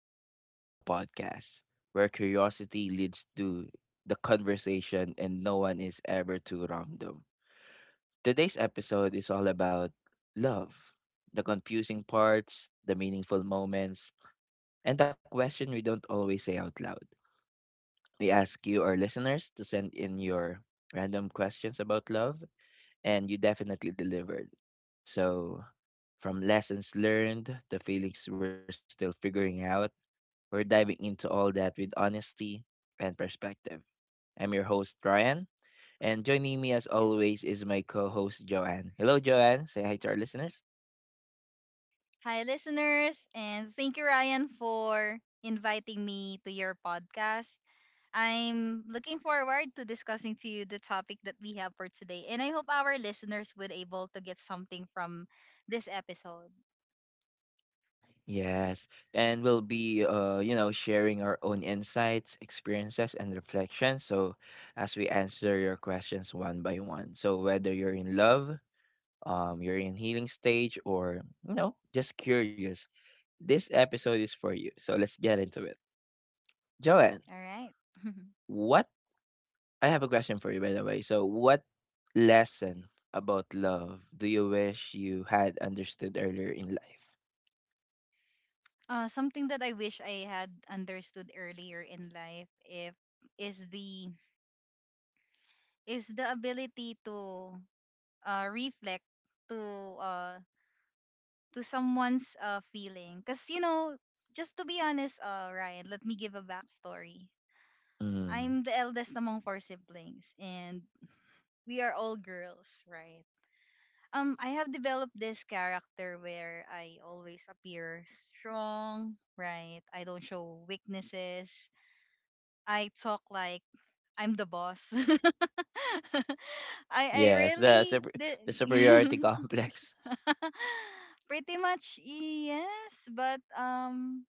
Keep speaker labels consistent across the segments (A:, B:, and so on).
A: welcome back to the podcast where curiosity leads to the conversation and no one is ever too random. Today's episode is all about love, the confusing parts, the meaningful moments, and the question we don't always say out loud. We ask you, our listeners, to send in your random questions about love and you definitely delivered. So, from lessons learned to feelings we're still figuring out, we're diving into all that with honesty and perspective. I'm your host, Ryan, and joining me as always is my co host, Joanne. Hello, Joanne. Say hi to our listeners.
B: Hi, listeners, and thank you, Ryan, for inviting me to your podcast. I'm looking forward to discussing to you the topic that we have for today, and I hope our listeners would able to get something from this episode.
A: Yes, and we'll be, sharing our own insights, experiences, and reflections. So, as we answer your questions one by one. So, whether you're in love, you're in healing stage or just curious, this episode is for you, so let's get into it, Joanne.
B: All right.
A: What? I have a question for you, by the way. So what lesson about love do you wish you had understood earlier in life?
B: Something that I wish I had understood earlier in life if is the is the ability to reflect to uh, to someone's feeling. Because, you know, just to be honest, Ryan, let me give a backstory.
A: Mm.
B: I'm the eldest among four siblings, and we are all girls, right? I have developed this character where I always appear strong, right? I don't show weaknesses. I talk like I'm the boss. I
A: Yes, the
B: really
A: super,
B: did.
A: the superiority complex.
B: Pretty much, yes, but um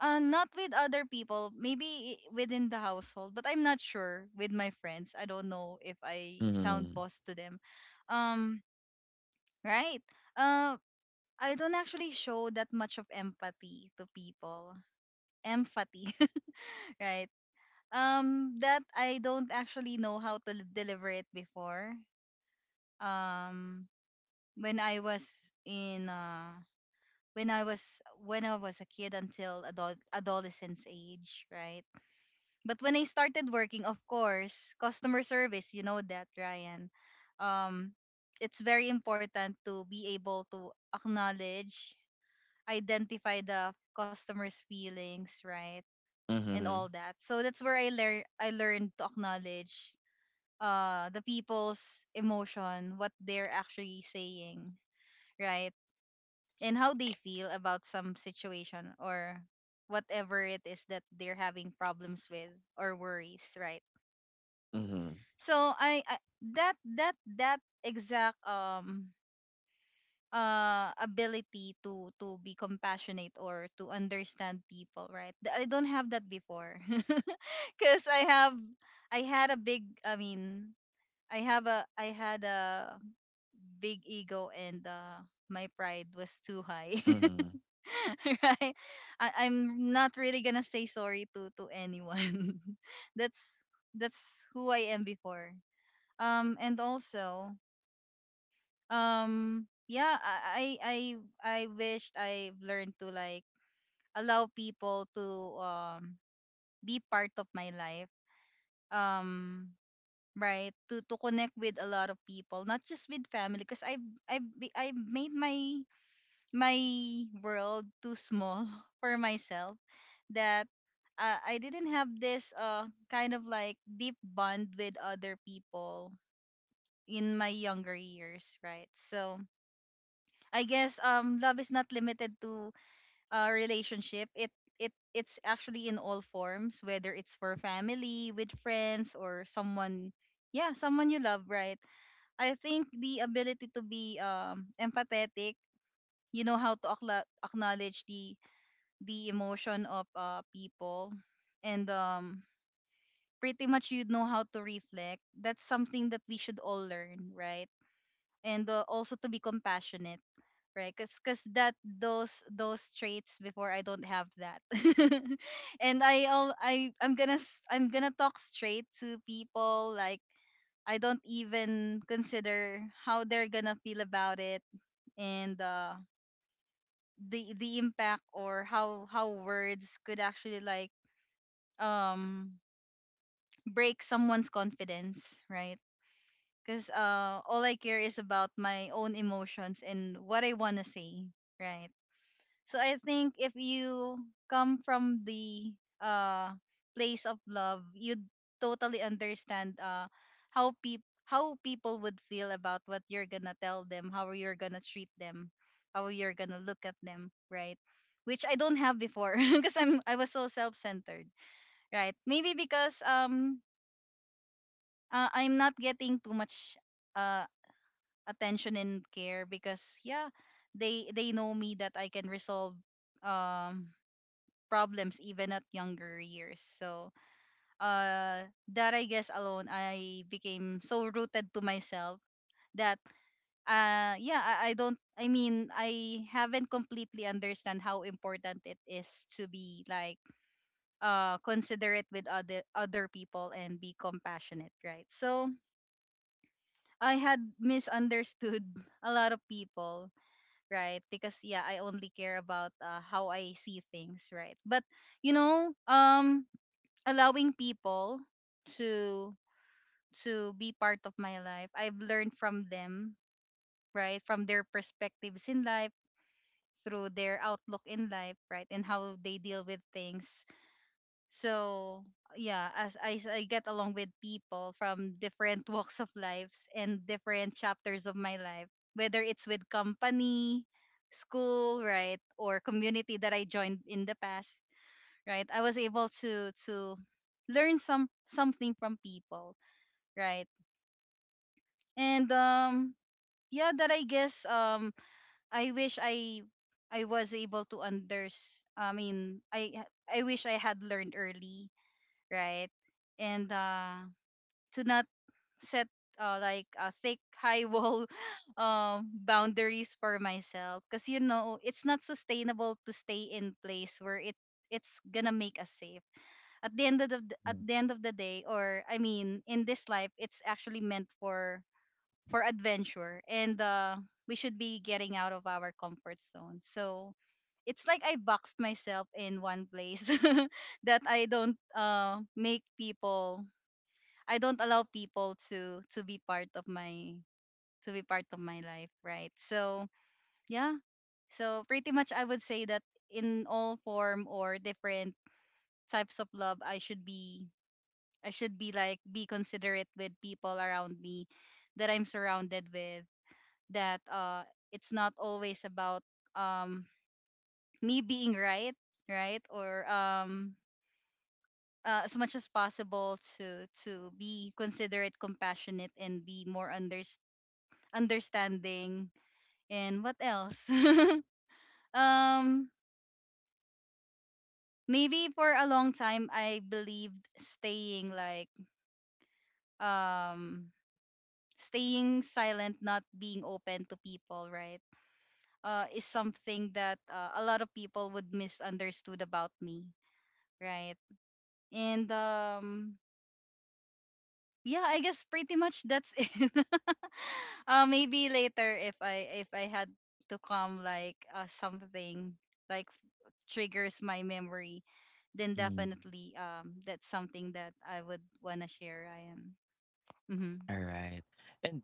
B: Uh, not with other people, maybe within the household, but I'm not sure with my friends. I don't know if I sound
A: Mm.
B: boss to them. Um, right. Uh, I don't actually show that much of empathy to people. Empathy, right? That I don't actually know how to deliver it before. Um, when I was in when I was when I was a kid until adult adolescence age, right? But when I started working, of course, customer service, you know that, Ryan. Um, it's very important to be able to acknowledge, identify the customer's feelings, right? And
A: Mm-hmm.
B: all that. So that's where I learned to acknowledge the people's emotion, what they're actually saying, right? And how they feel about some situation or whatever it is that they're having problems with or worries, right?
A: Mm-hmm.
B: So I that exact ability to be compassionate or to understand people, right? I don't have that before. Cuz I have I had a big I mean, I have a— I had a big ego, and my pride was too high.
A: Mm-hmm.
B: Right? I'm not really going to say sorry to anyone. that's that's who I am before. And also um yeah i i i I wished I've learned to like allow people to um be part of my life, um right, to connect with a lot of people, not just with family, because I've made my my world too small for myself, that I didn't have this kind of like deep bond with other people in my younger years, right? So I guess love is not limited to a relationship. It's actually in all forms, whether it's for family, with friends, or someone— yeah, someone you love, right? I think the ability to be empathetic, you know how to acknowledge the emotion of people, and pretty much you know how to reflect. That's something that we should all learn, right? And also to be compassionate, right? Because that, those traits before, I don't have that. And I I'm gonna I'm gonna talk straight to people, like I don't even consider how they're gonna feel about it, and the impact, or how words could actually like um break someone's confidence, right? Because all I care is about my own emotions and what I want to say, right? So I think if you come from the uh place of love, you'd totally understand how people would feel about what you're gonna tell them, how you're gonna treat them, how you're gonna look at them, right? Which I don't have before, because I was so self-centered, right? Maybe because I'm not getting too much uh attention and care because yeah, they know me that I can resolve um problems even at younger years. So, uh, that I guess alone, I became so rooted to myself that, yeah, I don't— I mean, I haven't completely understand how important it is to be like, considerate with other people and be compassionate, right? So I had misunderstood a lot of people, right? Because yeah, I only care about how I see things, right? But you know, allowing people to to be part of my life, I've learned from them, right, from their perspectives in life, through their outlook in life, right, and how they deal with things. So yeah, as I get along with people from different walks of lives and different chapters of my life, whether it's with company, school, right, or community that I joined in the past, right, I was able to learn something from people, right. And yeah, that I guess, I wish I was able to unders I mean I wish I had learned early, right? And to not set like a thick high wall boundaries for myself, because you know it's not sustainable to stay in place where it's gonna make us safe at the end of the— at the end of the day. Or I mean, in this life, it's actually meant for adventure, and we should be getting out of our comfort zone. So it's like I boxed myself in one place, that I don't make people— I don't allow people to be part of my— to be part of my life, right? So yeah. So pretty much I would say that in all form or different types of love, I should be— I should be like be considerate with people around me that I'm surrounded with, that it's not always about um me being right, right? Or as much as possible to be considerate, compassionate, and be more understanding. And what else? um maybe for a long time I believed um staying silent, not being open to people, right? Is something that a lot of people would misunderstood about me, right? And yeah, I guess pretty much that's it. Maybe later, if I had to come like something like triggers my memory, then
A: Mm-hmm.
B: definitely that's something that I would wanna share. I am. Mm-hmm.
A: All right. And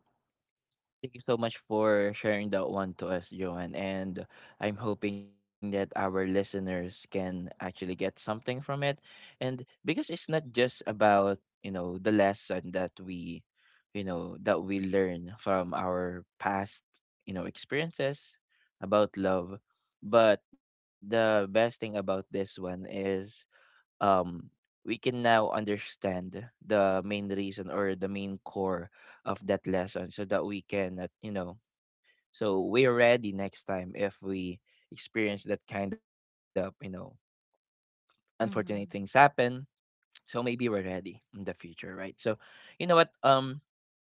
A: thank you so much for sharing that one to us, Joanne. And I'm hoping that our listeners can actually get something from it. And because it's not just about, the lesson that we learn from our past, experiences about love. But the best thing about this one is, um, we can now understand the main reason or the main core of that lesson so that we can, so we're ready next time if we experience that kind of, unfortunate things
B: Mm-hmm.
A: happen. So maybe we're ready in the future, right? So, you know what,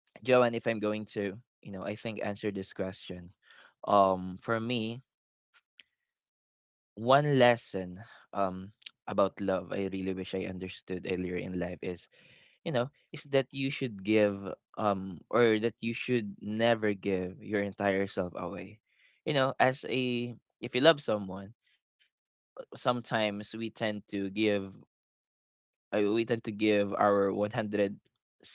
A: Joanne, if I'm going to, I think, answer this question. For me, one lesson um about love I really wish I understood earlier in life is, that you should give, or that you should never give your entire self away, as a if you love someone. Sometimes we tend to give we tend to give our 160%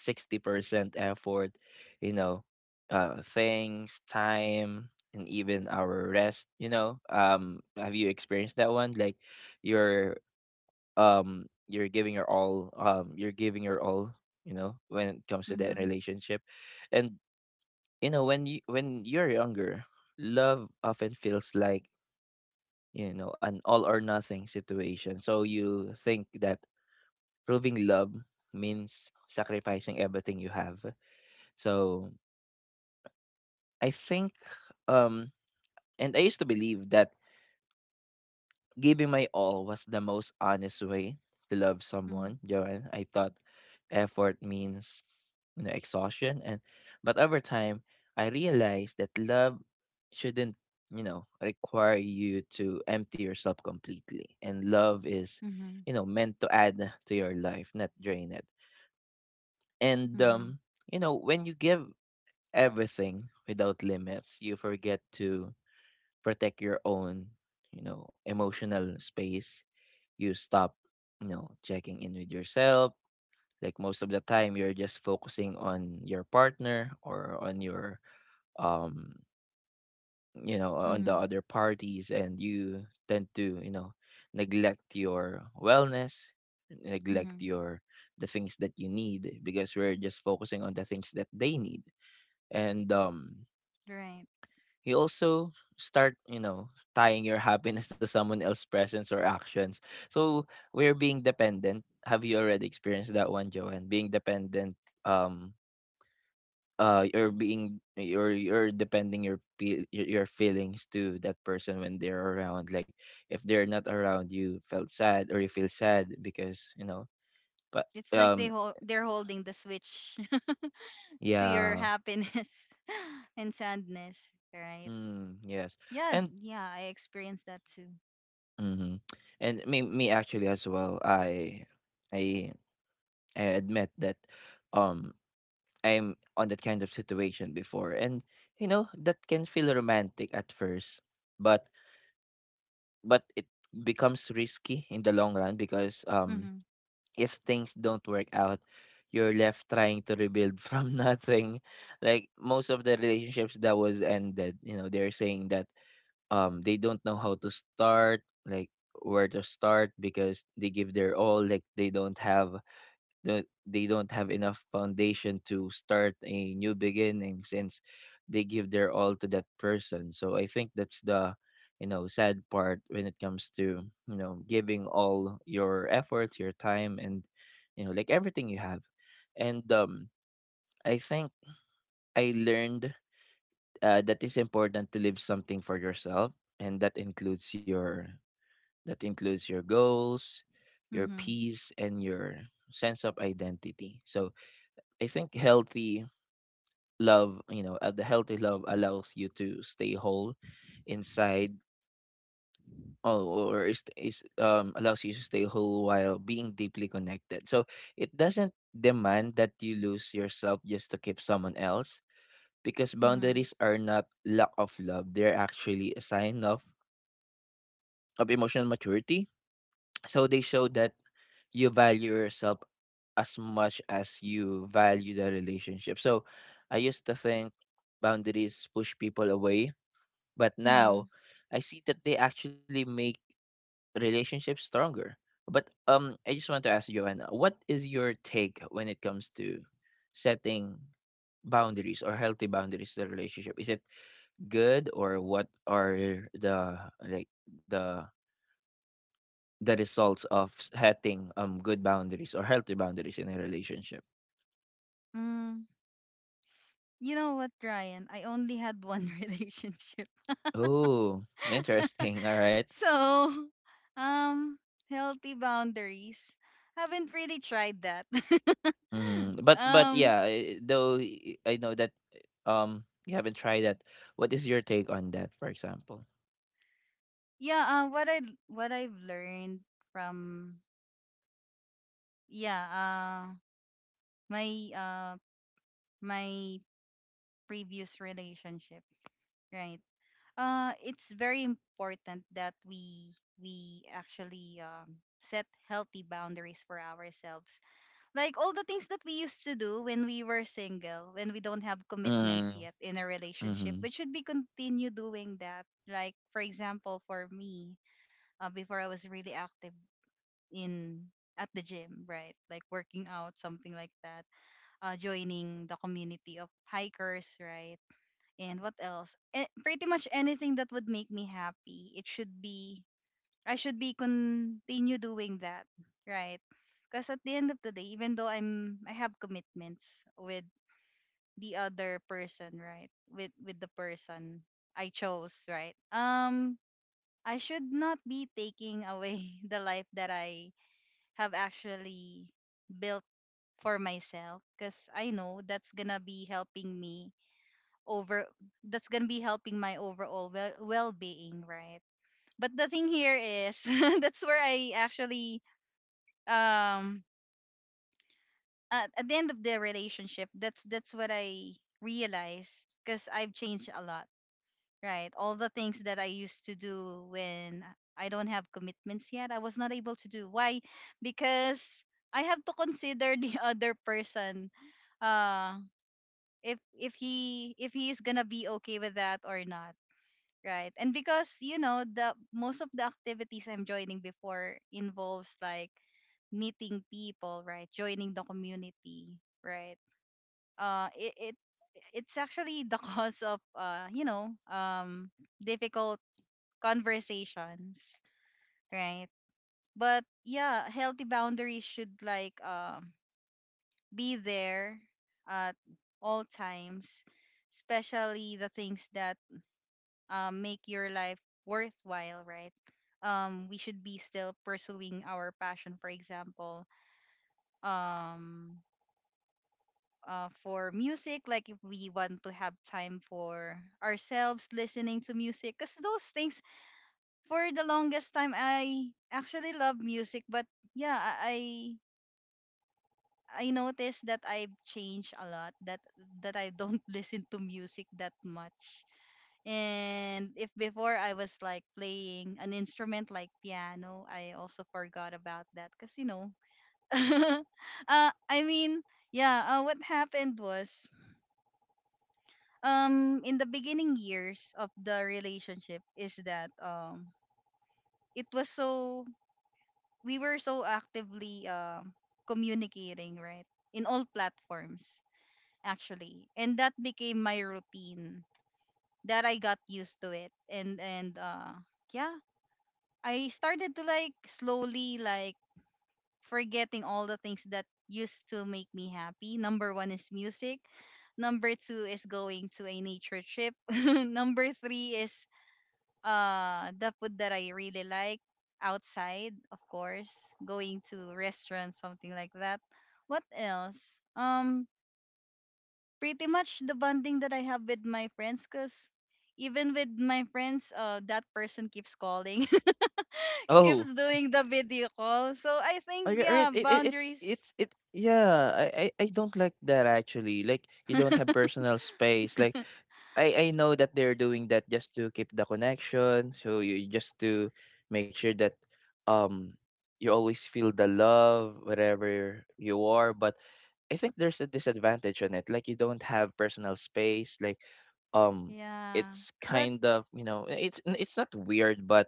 A: effort, you know things, time, and even our rest, have you experienced that one? Like you're you're giving your all, when it comes to that
B: Mm-hmm.
A: relationship. And when you're younger, love often feels like, an all or nothing situation, so you think that proving love means sacrificing everything you have. So, I think, um and I used to believe that giving my all was the most honest way to love
B: Mm-hmm.
A: someone, Joanne. I thought effort means, exhaustion. And but over time, I realized that love shouldn't, require you to empty yourself completely. And love is,
B: Mm-hmm.
A: meant to add to your life, not drain it. And,
B: Mm-hmm.
A: when you give everything without limits, you forget to protect your own, emotional space. You stop, checking in with yourself. Like, most of the time, you're just focusing on your partner or on your, um, on the other parties, and you tend to, neglect your wellness, neglect
B: Mm-hmm.
A: your the things that you need because we're just focusing on the things that they need. And,
B: Right.
A: you also start, tying your happiness to someone else's presence or actions. So, we're being dependent. Have you already experienced that one, Joanne? Being dependent, um you're being you're depending your feelings to that person. When they're around, like if they're not around, you felt sad or you feel sad because, but
B: It's like
A: um
B: they hold— they're holding the switch. To your
A: yeah.
B: happiness and sadness, right?
A: Mm, yes.
B: Yeah,
A: And
B: yeah, I experienced that too.
A: mhm. And me actually, as well, I I admit that, um I'm on that kind of situation before. And that can feel romantic at first, but it becomes risky in the long run because,
B: Mhm.
A: if things don't work out, you're left trying to rebuild from nothing. Like most of the relationships that was ended, you know they're saying that, they don't know how to start, like where to start, because they give their all. Like they don't have enough foundation to start a new beginning, since they give their all to that person. So I think that's the, sad part when it comes to, giving all your efforts, your time, and, like, everything you have. And, I think I learned, that it's important to leave something for yourself, and that includes your goals, your
B: Mhm.
A: peace, and your sense of identity. So I think healthy love, the healthy love allows you to stay whole inside. Oh, or is allows you to stay whole while being deeply connected. So it doesn't demand that you lose yourself just to keep someone else, because
B: Mhm.
A: boundaries are not lack of love. They're actually a sign of emotional maturity. So they show that you value yourself as much as you value the relationship. So I used to think boundaries push people away, but
B: Mhm.
A: now I see that they actually make relationships stronger. But, I just want to ask, Joanna, what is your take when it comes to setting boundaries or healthy boundaries in the relationship? Is it good? Or what are the, results of setting, good boundaries or healthy boundaries in a relationship?
B: Mm. You know what, Ryan? I only had one relationship.
A: Oh, interesting. All right.
B: So, um, healthy boundaries. Haven't really tried that.
A: Mm-hmm. But
B: um,
A: yeah, I know that, you haven't tried that. What is your take on that, for example?
B: yeah, what I've learned from— yeah, my uh my previous relationship, right. It's very important that we— we actually set healthy boundaries for ourselves, like all the things that we used to do when we were single, when we don't have commitments
A: Mm.
B: yet in a relationship,
A: Mm-hmm.
B: we should be continue doing that. Like for example for me, before I was really active in— at the gym, right, like working out, something like that, joining the community of hikers, right? And what else? Eh, pretty much anything that would make me happy, it should be— I should be continue doing that, right? Because at the end of the day, even though I have commitments with the other person, right? With— with the person I chose, right? I should not be taking away the life that I have actually built for myself, because I know that's gonna be helping me over— that's gonna be helping my overall well-being, right? But the thing here is, that's where I actually um at— at the end of the relationship, that's what I realized, because I've changed a lot, right? All the things that I used to do when I don't have commitments yet, I was not able to do. Why? Because I have to consider the other person, uh if— if he— if he is gonna be okay with that or not. Right. And because, you know, the most of the activities I'm joining before involves like meeting people, right? Joining the community, right? It it's actually the cause of you know, difficult conversations, right? But yeah, healthy boundaries should like be there at all times, especially the things that make your life worthwhile, right? We should be still pursuing our passion, for example, um, for music, like if we want to have time for ourselves listening to music, because those things, for the longest time, I actually love music, but yeah, I. I noticed that I've changed a lot that I don't listen to music that much. And if before I was like playing an instrument like piano, I also forgot about that uh, I mean, yeah, what happened was, in the beginning years of the relationship is that it was so we were so actively communicating, right, in all platforms actually, and that became my routine that I got used to it and and. Yeah, I started to like slowly like forgetting all the things that used to make me happy. Number one is music. Number two is going to a nature trip. Number three is the food that I really like outside, of course, going to restaurants, something like that. What else? Pretty much the bonding that I have with my friends, cause even with my friends, that person keeps calling. Keeps
A: Oh,
B: doing the video call. So I
A: all
B: think,
A: right, all right.
B: yeah,
A: It,
B: boundaries.
A: it's it. Yeah, I don't like that, actually. Like you don't have personal space. Like I know that they're doing that just to keep the connection, so you just to make sure that, um you always feel the love wherever you are. But I think there's a disadvantage on it. Like you don't have personal space. Like, um
B: Yeah.
A: it's
B: But
A: kind of, it's not weird, but,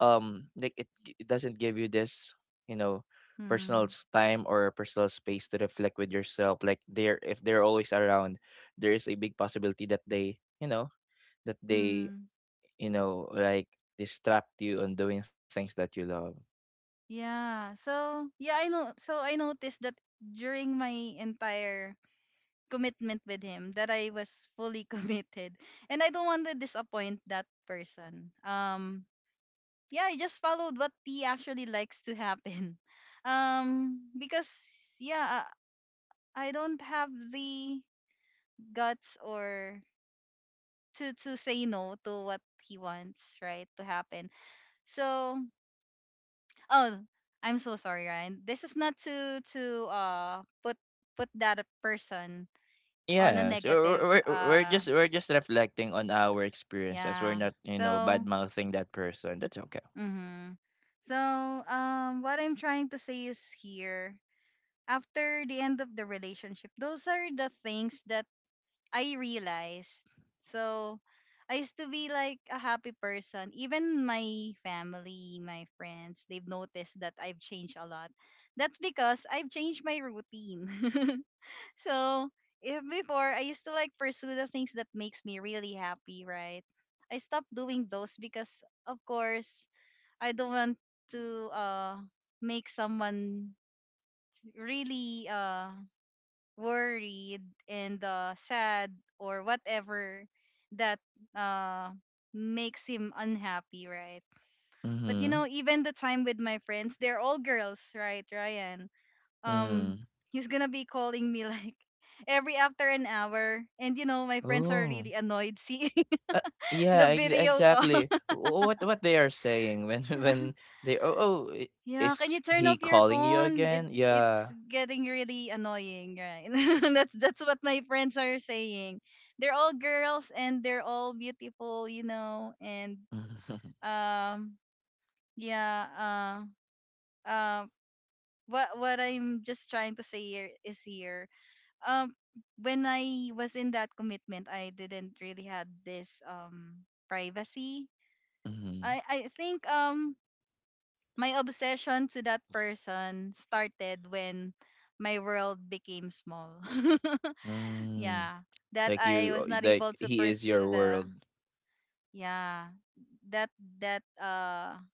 A: like it doesn't give you this, you know personal
B: hmm,
A: time or personal space to reflect with yourself. Like they're if they're always around, there is a big possibility that they
B: hmm.
A: you know like distract you on doing things that you love.
B: Yeah. So yeah, I know so I noticed that during my entire commitment with him that I was fully committed. And I don't want to disappoint that person. Yeah, I just followed what he actually likes to happen. Because yeah, I don't have the guts or to say no to what he wants, right, to happen. So oh, I'm so sorry, Ryan, this is not to put put that person on a
A: Yeah. So
B: negative
A: we're, we're we're just we're just reflecting on our experiences. We're
B: yeah.
A: not, bad
B: so
A: mouthing that person. That's okay.
B: mm-hmm. so what I'm trying to say is here, after the end of the relationship those are the things that I realized. So I used to be like a happy person. Even my family, my friends, they've noticed that I've changed a lot. That's because I've changed my routine. So if before I used to like pursue the things that makes me really happy, right? I stopped doing those because of course I don't want to make someone really worried and sad or whatever that uh, makes him unhappy, right? But you
A: Mm-hmm.
B: know, even the time with my friends, they're all girls, right, Ryan? Um,
A: Mm-hmm.
B: he's gonna be calling me like every after an hour, and you know, my friends are
A: Oh,
B: really annoyed seeing
A: uh, yeah,
B: the
A: ex-
B: video call.
A: exactly What they are saying when when they, oh,
B: Yeah, can
A: is
B: you turn
A: he
B: off your
A: calling you
B: phone? It
A: again?
B: it's
A: Yeah.
B: getting really annoying, right? That's what my friends are saying. They're all girls and they're all beautiful, you know.
A: Mm-hmm.
B: Um, yeah, uh, uh, what I'm just trying to say here is here. Um, when I was in that commitment, I didn't really had this privacy.
A: Mm-hmm.
B: I think my obsession to that person started when my world became small.
A: Mm.
B: Yeah. That
A: Like
B: I
A: you,
B: was
A: uh,
B: not
A: like
B: able to
A: he is
B: pursue
A: your world.
B: the yeah. That that uh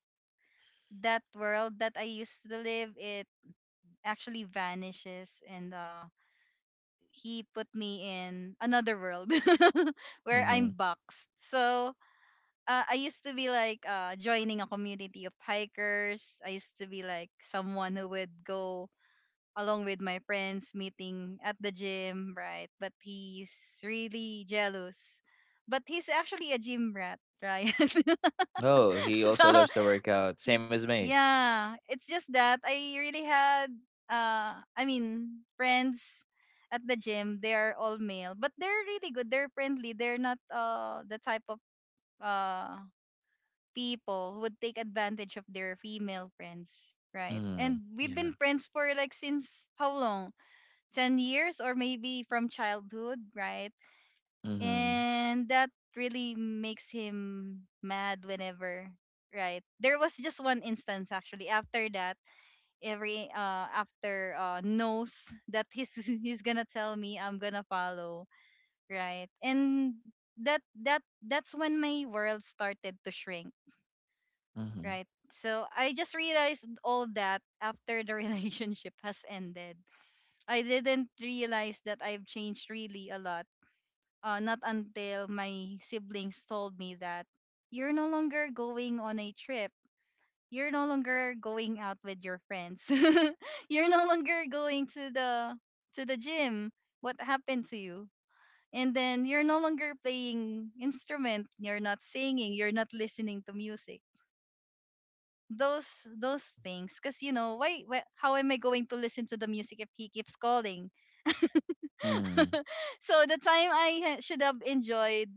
B: that world that I used to live it actually vanishes and he put me in another world where I'm
A: Hmm.
B: boxed. So I used to be like joining a community of hikers. I used to be like someone who would go along with my friends meeting at the gym, right? But he's really jealous. But he's actually a gym rat, right?
A: Oh, he
B: So
A: also loves to work out, same
B: Mm.
A: as me.
B: Yeah, it's just that I really had friends at the gym, they are all male, but they're really good. They're friendly. They're not the type of uh people who would take advantage of their female friends, right? And
A: Mm,
B: we've been
A: yeah.
B: friends for like since how long? 10 years or maybe from childhood, right?
A: Mm-hmm.
B: And that really makes him mad whenever, right? There was just one instance actually after that, every after knows that he's he's gonna tell me I'm gonna follow, right? And that's when my world started to shrink,
A: Mm-hmm.
B: right? So I just realized all that after the relationship has ended. I didn't realize that I've changed really a lot, not until my siblings told me that you're no longer going on a trip. You're no longer going out with your friends. You're no longer going to the gym. What happened to you? And then you're no longer playing instrument. You're not singing. You're not listening to music. Those those things. Cause you know why? Why how am I going to listen to the music if he keeps calling?
A: Mm.
B: So the time I ha- should have enjoyed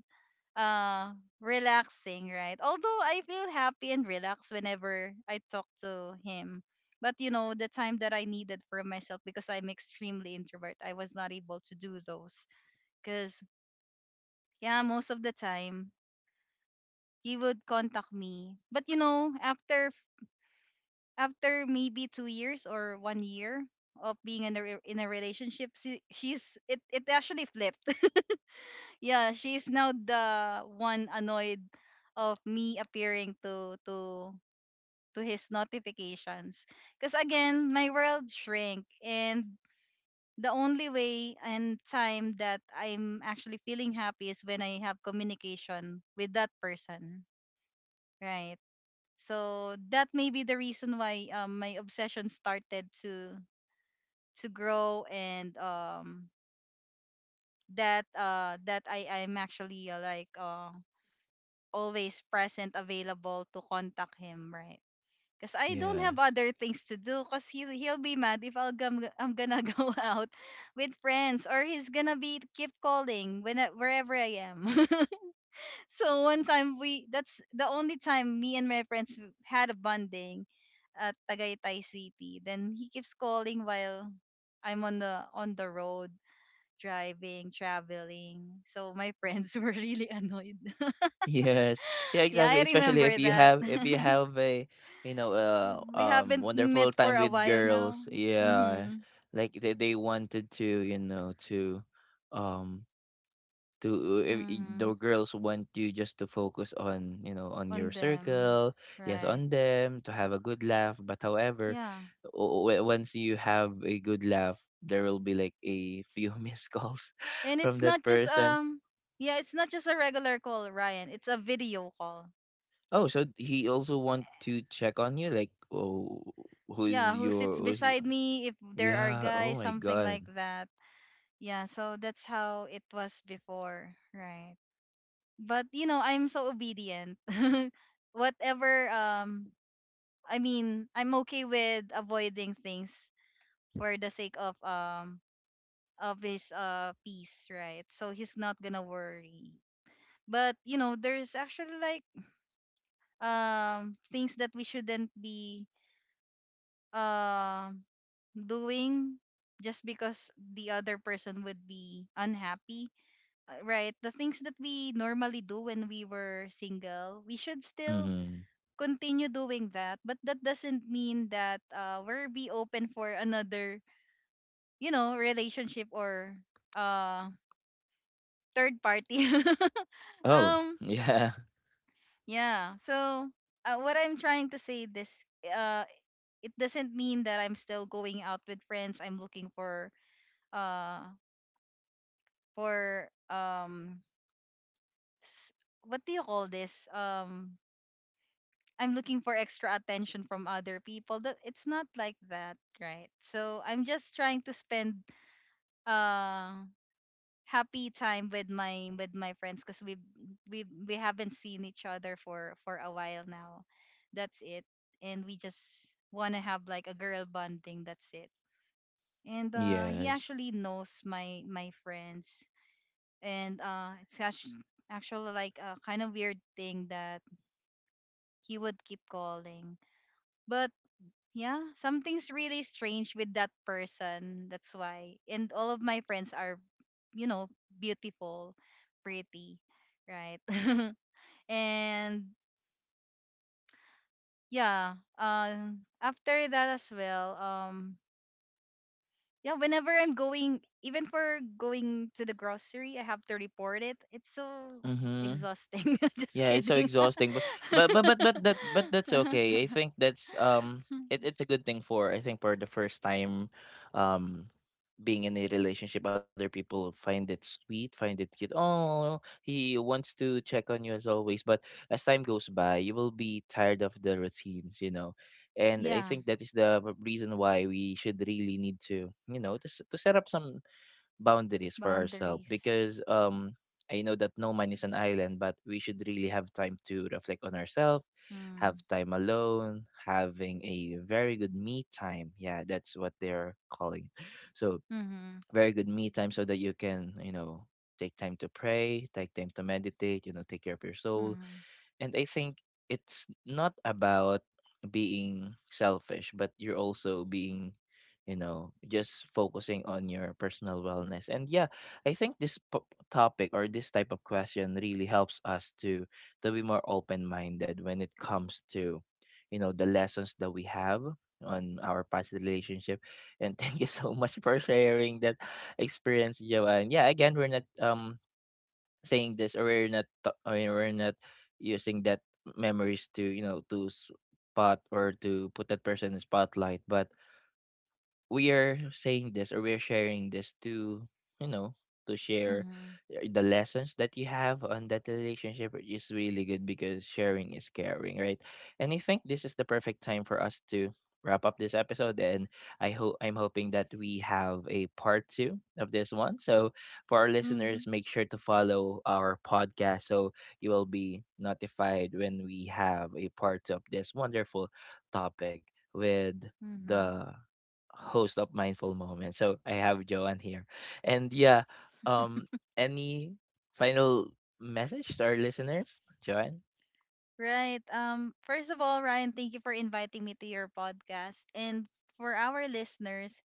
B: uh relaxing, right? Although I feel happy and relaxed whenever I talk to him. But you know, the time that I needed for myself because I'm extremely introvert, I was not able to do those. Cause yeah, most of the time he would contact me. But you know, after maybe 2 years or 1 year of being in a re- in a relationship, she, she's it it actually flipped. Yeah, she's now the one annoyed of me appearing to his notifications. Because again, my world shrank and the only way and time that I'm actually feeling happy is when I have communication with that person, right? So that may be the reason why my obsession started to grow and that I'm actually like always present available to contact him, right? Cause I don't have
A: Yes.
B: other things to do. Cause he'll be mad if I'm gonna go out with friends, or he's gonna be keep calling when I- wherever I am. So one time we that's the only time me and my friends had a bonding at Tagaytay City. Then he keeps calling while I'm on the road driving, traveling. So my friends were really annoyed.
A: Yes. Yeah,
B: Yeah,
A: exactly.
B: I
A: Especially
B: remember
A: if you
B: that.
A: have if you have a,
B: Yeah, we haven't
A: wonderful
B: met for
A: time
B: a
A: with
B: while now.
A: girls. Yeah.
B: Mhm.
A: Like they wanted to, you know, um to if I- the
B: Mhm.
A: girls want you just to focus on, on your
B: On them.
A: circle. Yes,
B: Right.
A: on them to have a good laugh. But, however,
B: Yeah.
A: once you have a good laugh, there will be like a few missed calls
B: And
A: from
B: it's
A: that
B: not just
A: person.
B: yeah, it's not just a regular call, Ryan. It's a video call.
A: Oh, so he also want to check on you, like, oh,
B: Yeah,
A: who's
B: who sits
A: your who's
B: beside me if there are
A: Yeah. Oh
B: guys,
A: my
B: something
A: god.
B: like that. Yeah, so that's how it was before, right? But you know, I'm so obedient. Whatever I'm okay with avoiding things for the sake of his peace, right? So he's not gonna worry. But you know, there's actually like things that we shouldn't be um doing just because the other person would be unhappy, right? The things that we normally do when we were single, we should still
A: Mm-hmm.
B: continue doing that. But that doesn't mean that we're be open for another, you know, relationship or uh third party.
A: Oh.
B: um
A: Yeah.
B: Yeah. So what I'm trying to say this uh it doesn't mean that I'm still going out with friends. I'm looking uh for s- what do you call this? I'm looking for extra attention from other people. That it's not like that, right? So I'm just trying to spend uh happy time with my friends because we haven't seen each other for a while now. That's it. And we just want to have like a girl bonding. That's it. And he
A: Yes.
B: actually knows my friends. And it's actually like a kind of weird thing that he would keep calling. But yeah, something's really strange with that person. That's why. And all of my friends are, you know, beautiful, pretty, right? And yeah, after that as well, yeah, whenever I'm going even for going to the grocery, I have to report it. It's so
A: Mm-hmm.
B: exhausting. Just
A: Yeah, it's so
B: kidding.
A: exhausting, but that's okay. I think that's, it's a good thing, for, I think, for the first time, um being in a relationship. Other people find it sweet, find it cute. Oh, he wants to check on you as always, but as time goes by, you will be tired of the routines. And I
B: Yeah,
A: think that is the reason why we should really need, to, you know, to, s- to set up some boundaries for ourselves,
B: boundaries.
A: because, I know that no man is an island, but we should really have time to reflect on ourselves, have
B: Mm.
A: time alone, having a very good me time. Yeah, that's what they're calling. So
B: Mhm.
A: very good me time, so that you can, take time to pray, take time to meditate, take care of your soul.
B: Mhm.
A: And I think it's not about being selfish, but you're also being, just focusing on your personal wellness. And yeah, I think this topic or this type of question really helps us to be more open-minded when it comes to, the lessons that we have on our past relationship. And thank you so much for sharing that experience, Joanne. Yeah, again, we're not, saying this, or we're not, I mean, we're not using that memories to, to spot or to put that person in spotlight, but we are saying this or we are sharing this to, you know to share,
B: Mhm.
A: the lessons that you have on that relationship, is really good because sharing is caring, right? And I think this is the perfect time for us to wrap up this episode. And I'm hoping that we have a part two of this one. So for our
B: Mhm.
A: listeners, make sure to follow our podcast, so you will be notified when we have a part two of this wonderful topic with the
B: Mhm.
A: host of Mindful Moments. So I have Joanne here. And yeah, um any final message to our listeners, Joanne?
B: Right. First of all, Ryan, thank you for inviting me to your podcast. And for our listeners,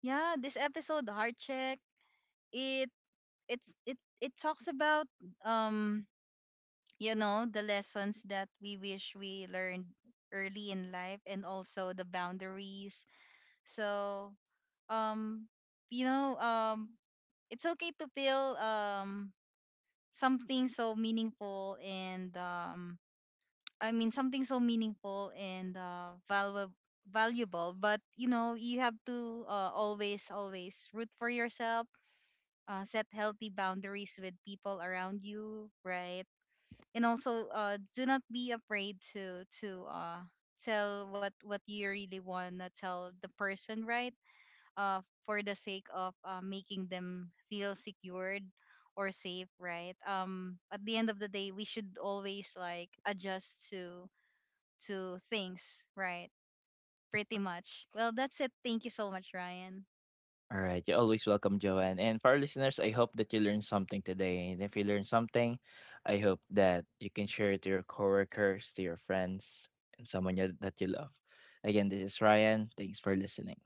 B: yeah, this episode Heart Check, it it's it it talks about um you know, the lessons that we wish we learned early in life and also the boundaries. So, um you know, it's okay to feel something so meaningful and something so meaningful and valuable, valuable, but you know you have to always always root for yourself, set healthy boundaries with people around you, right? And also do not be afraid to tell what you really want to tell the person, right? For the sake of making them feel secured or safe, right? At the end of the day we should always like adjust to things, right? Pretty much. Well, that's it. Thank you so much, Ryan.
A: All right, you're always welcome, Joanne. And for our listeners, I hope that you learned something today. And if you learned something, I hope that you can share it to your coworkers, to your friends, and someone that you love. Again, this is Ryan. Thanks for listening.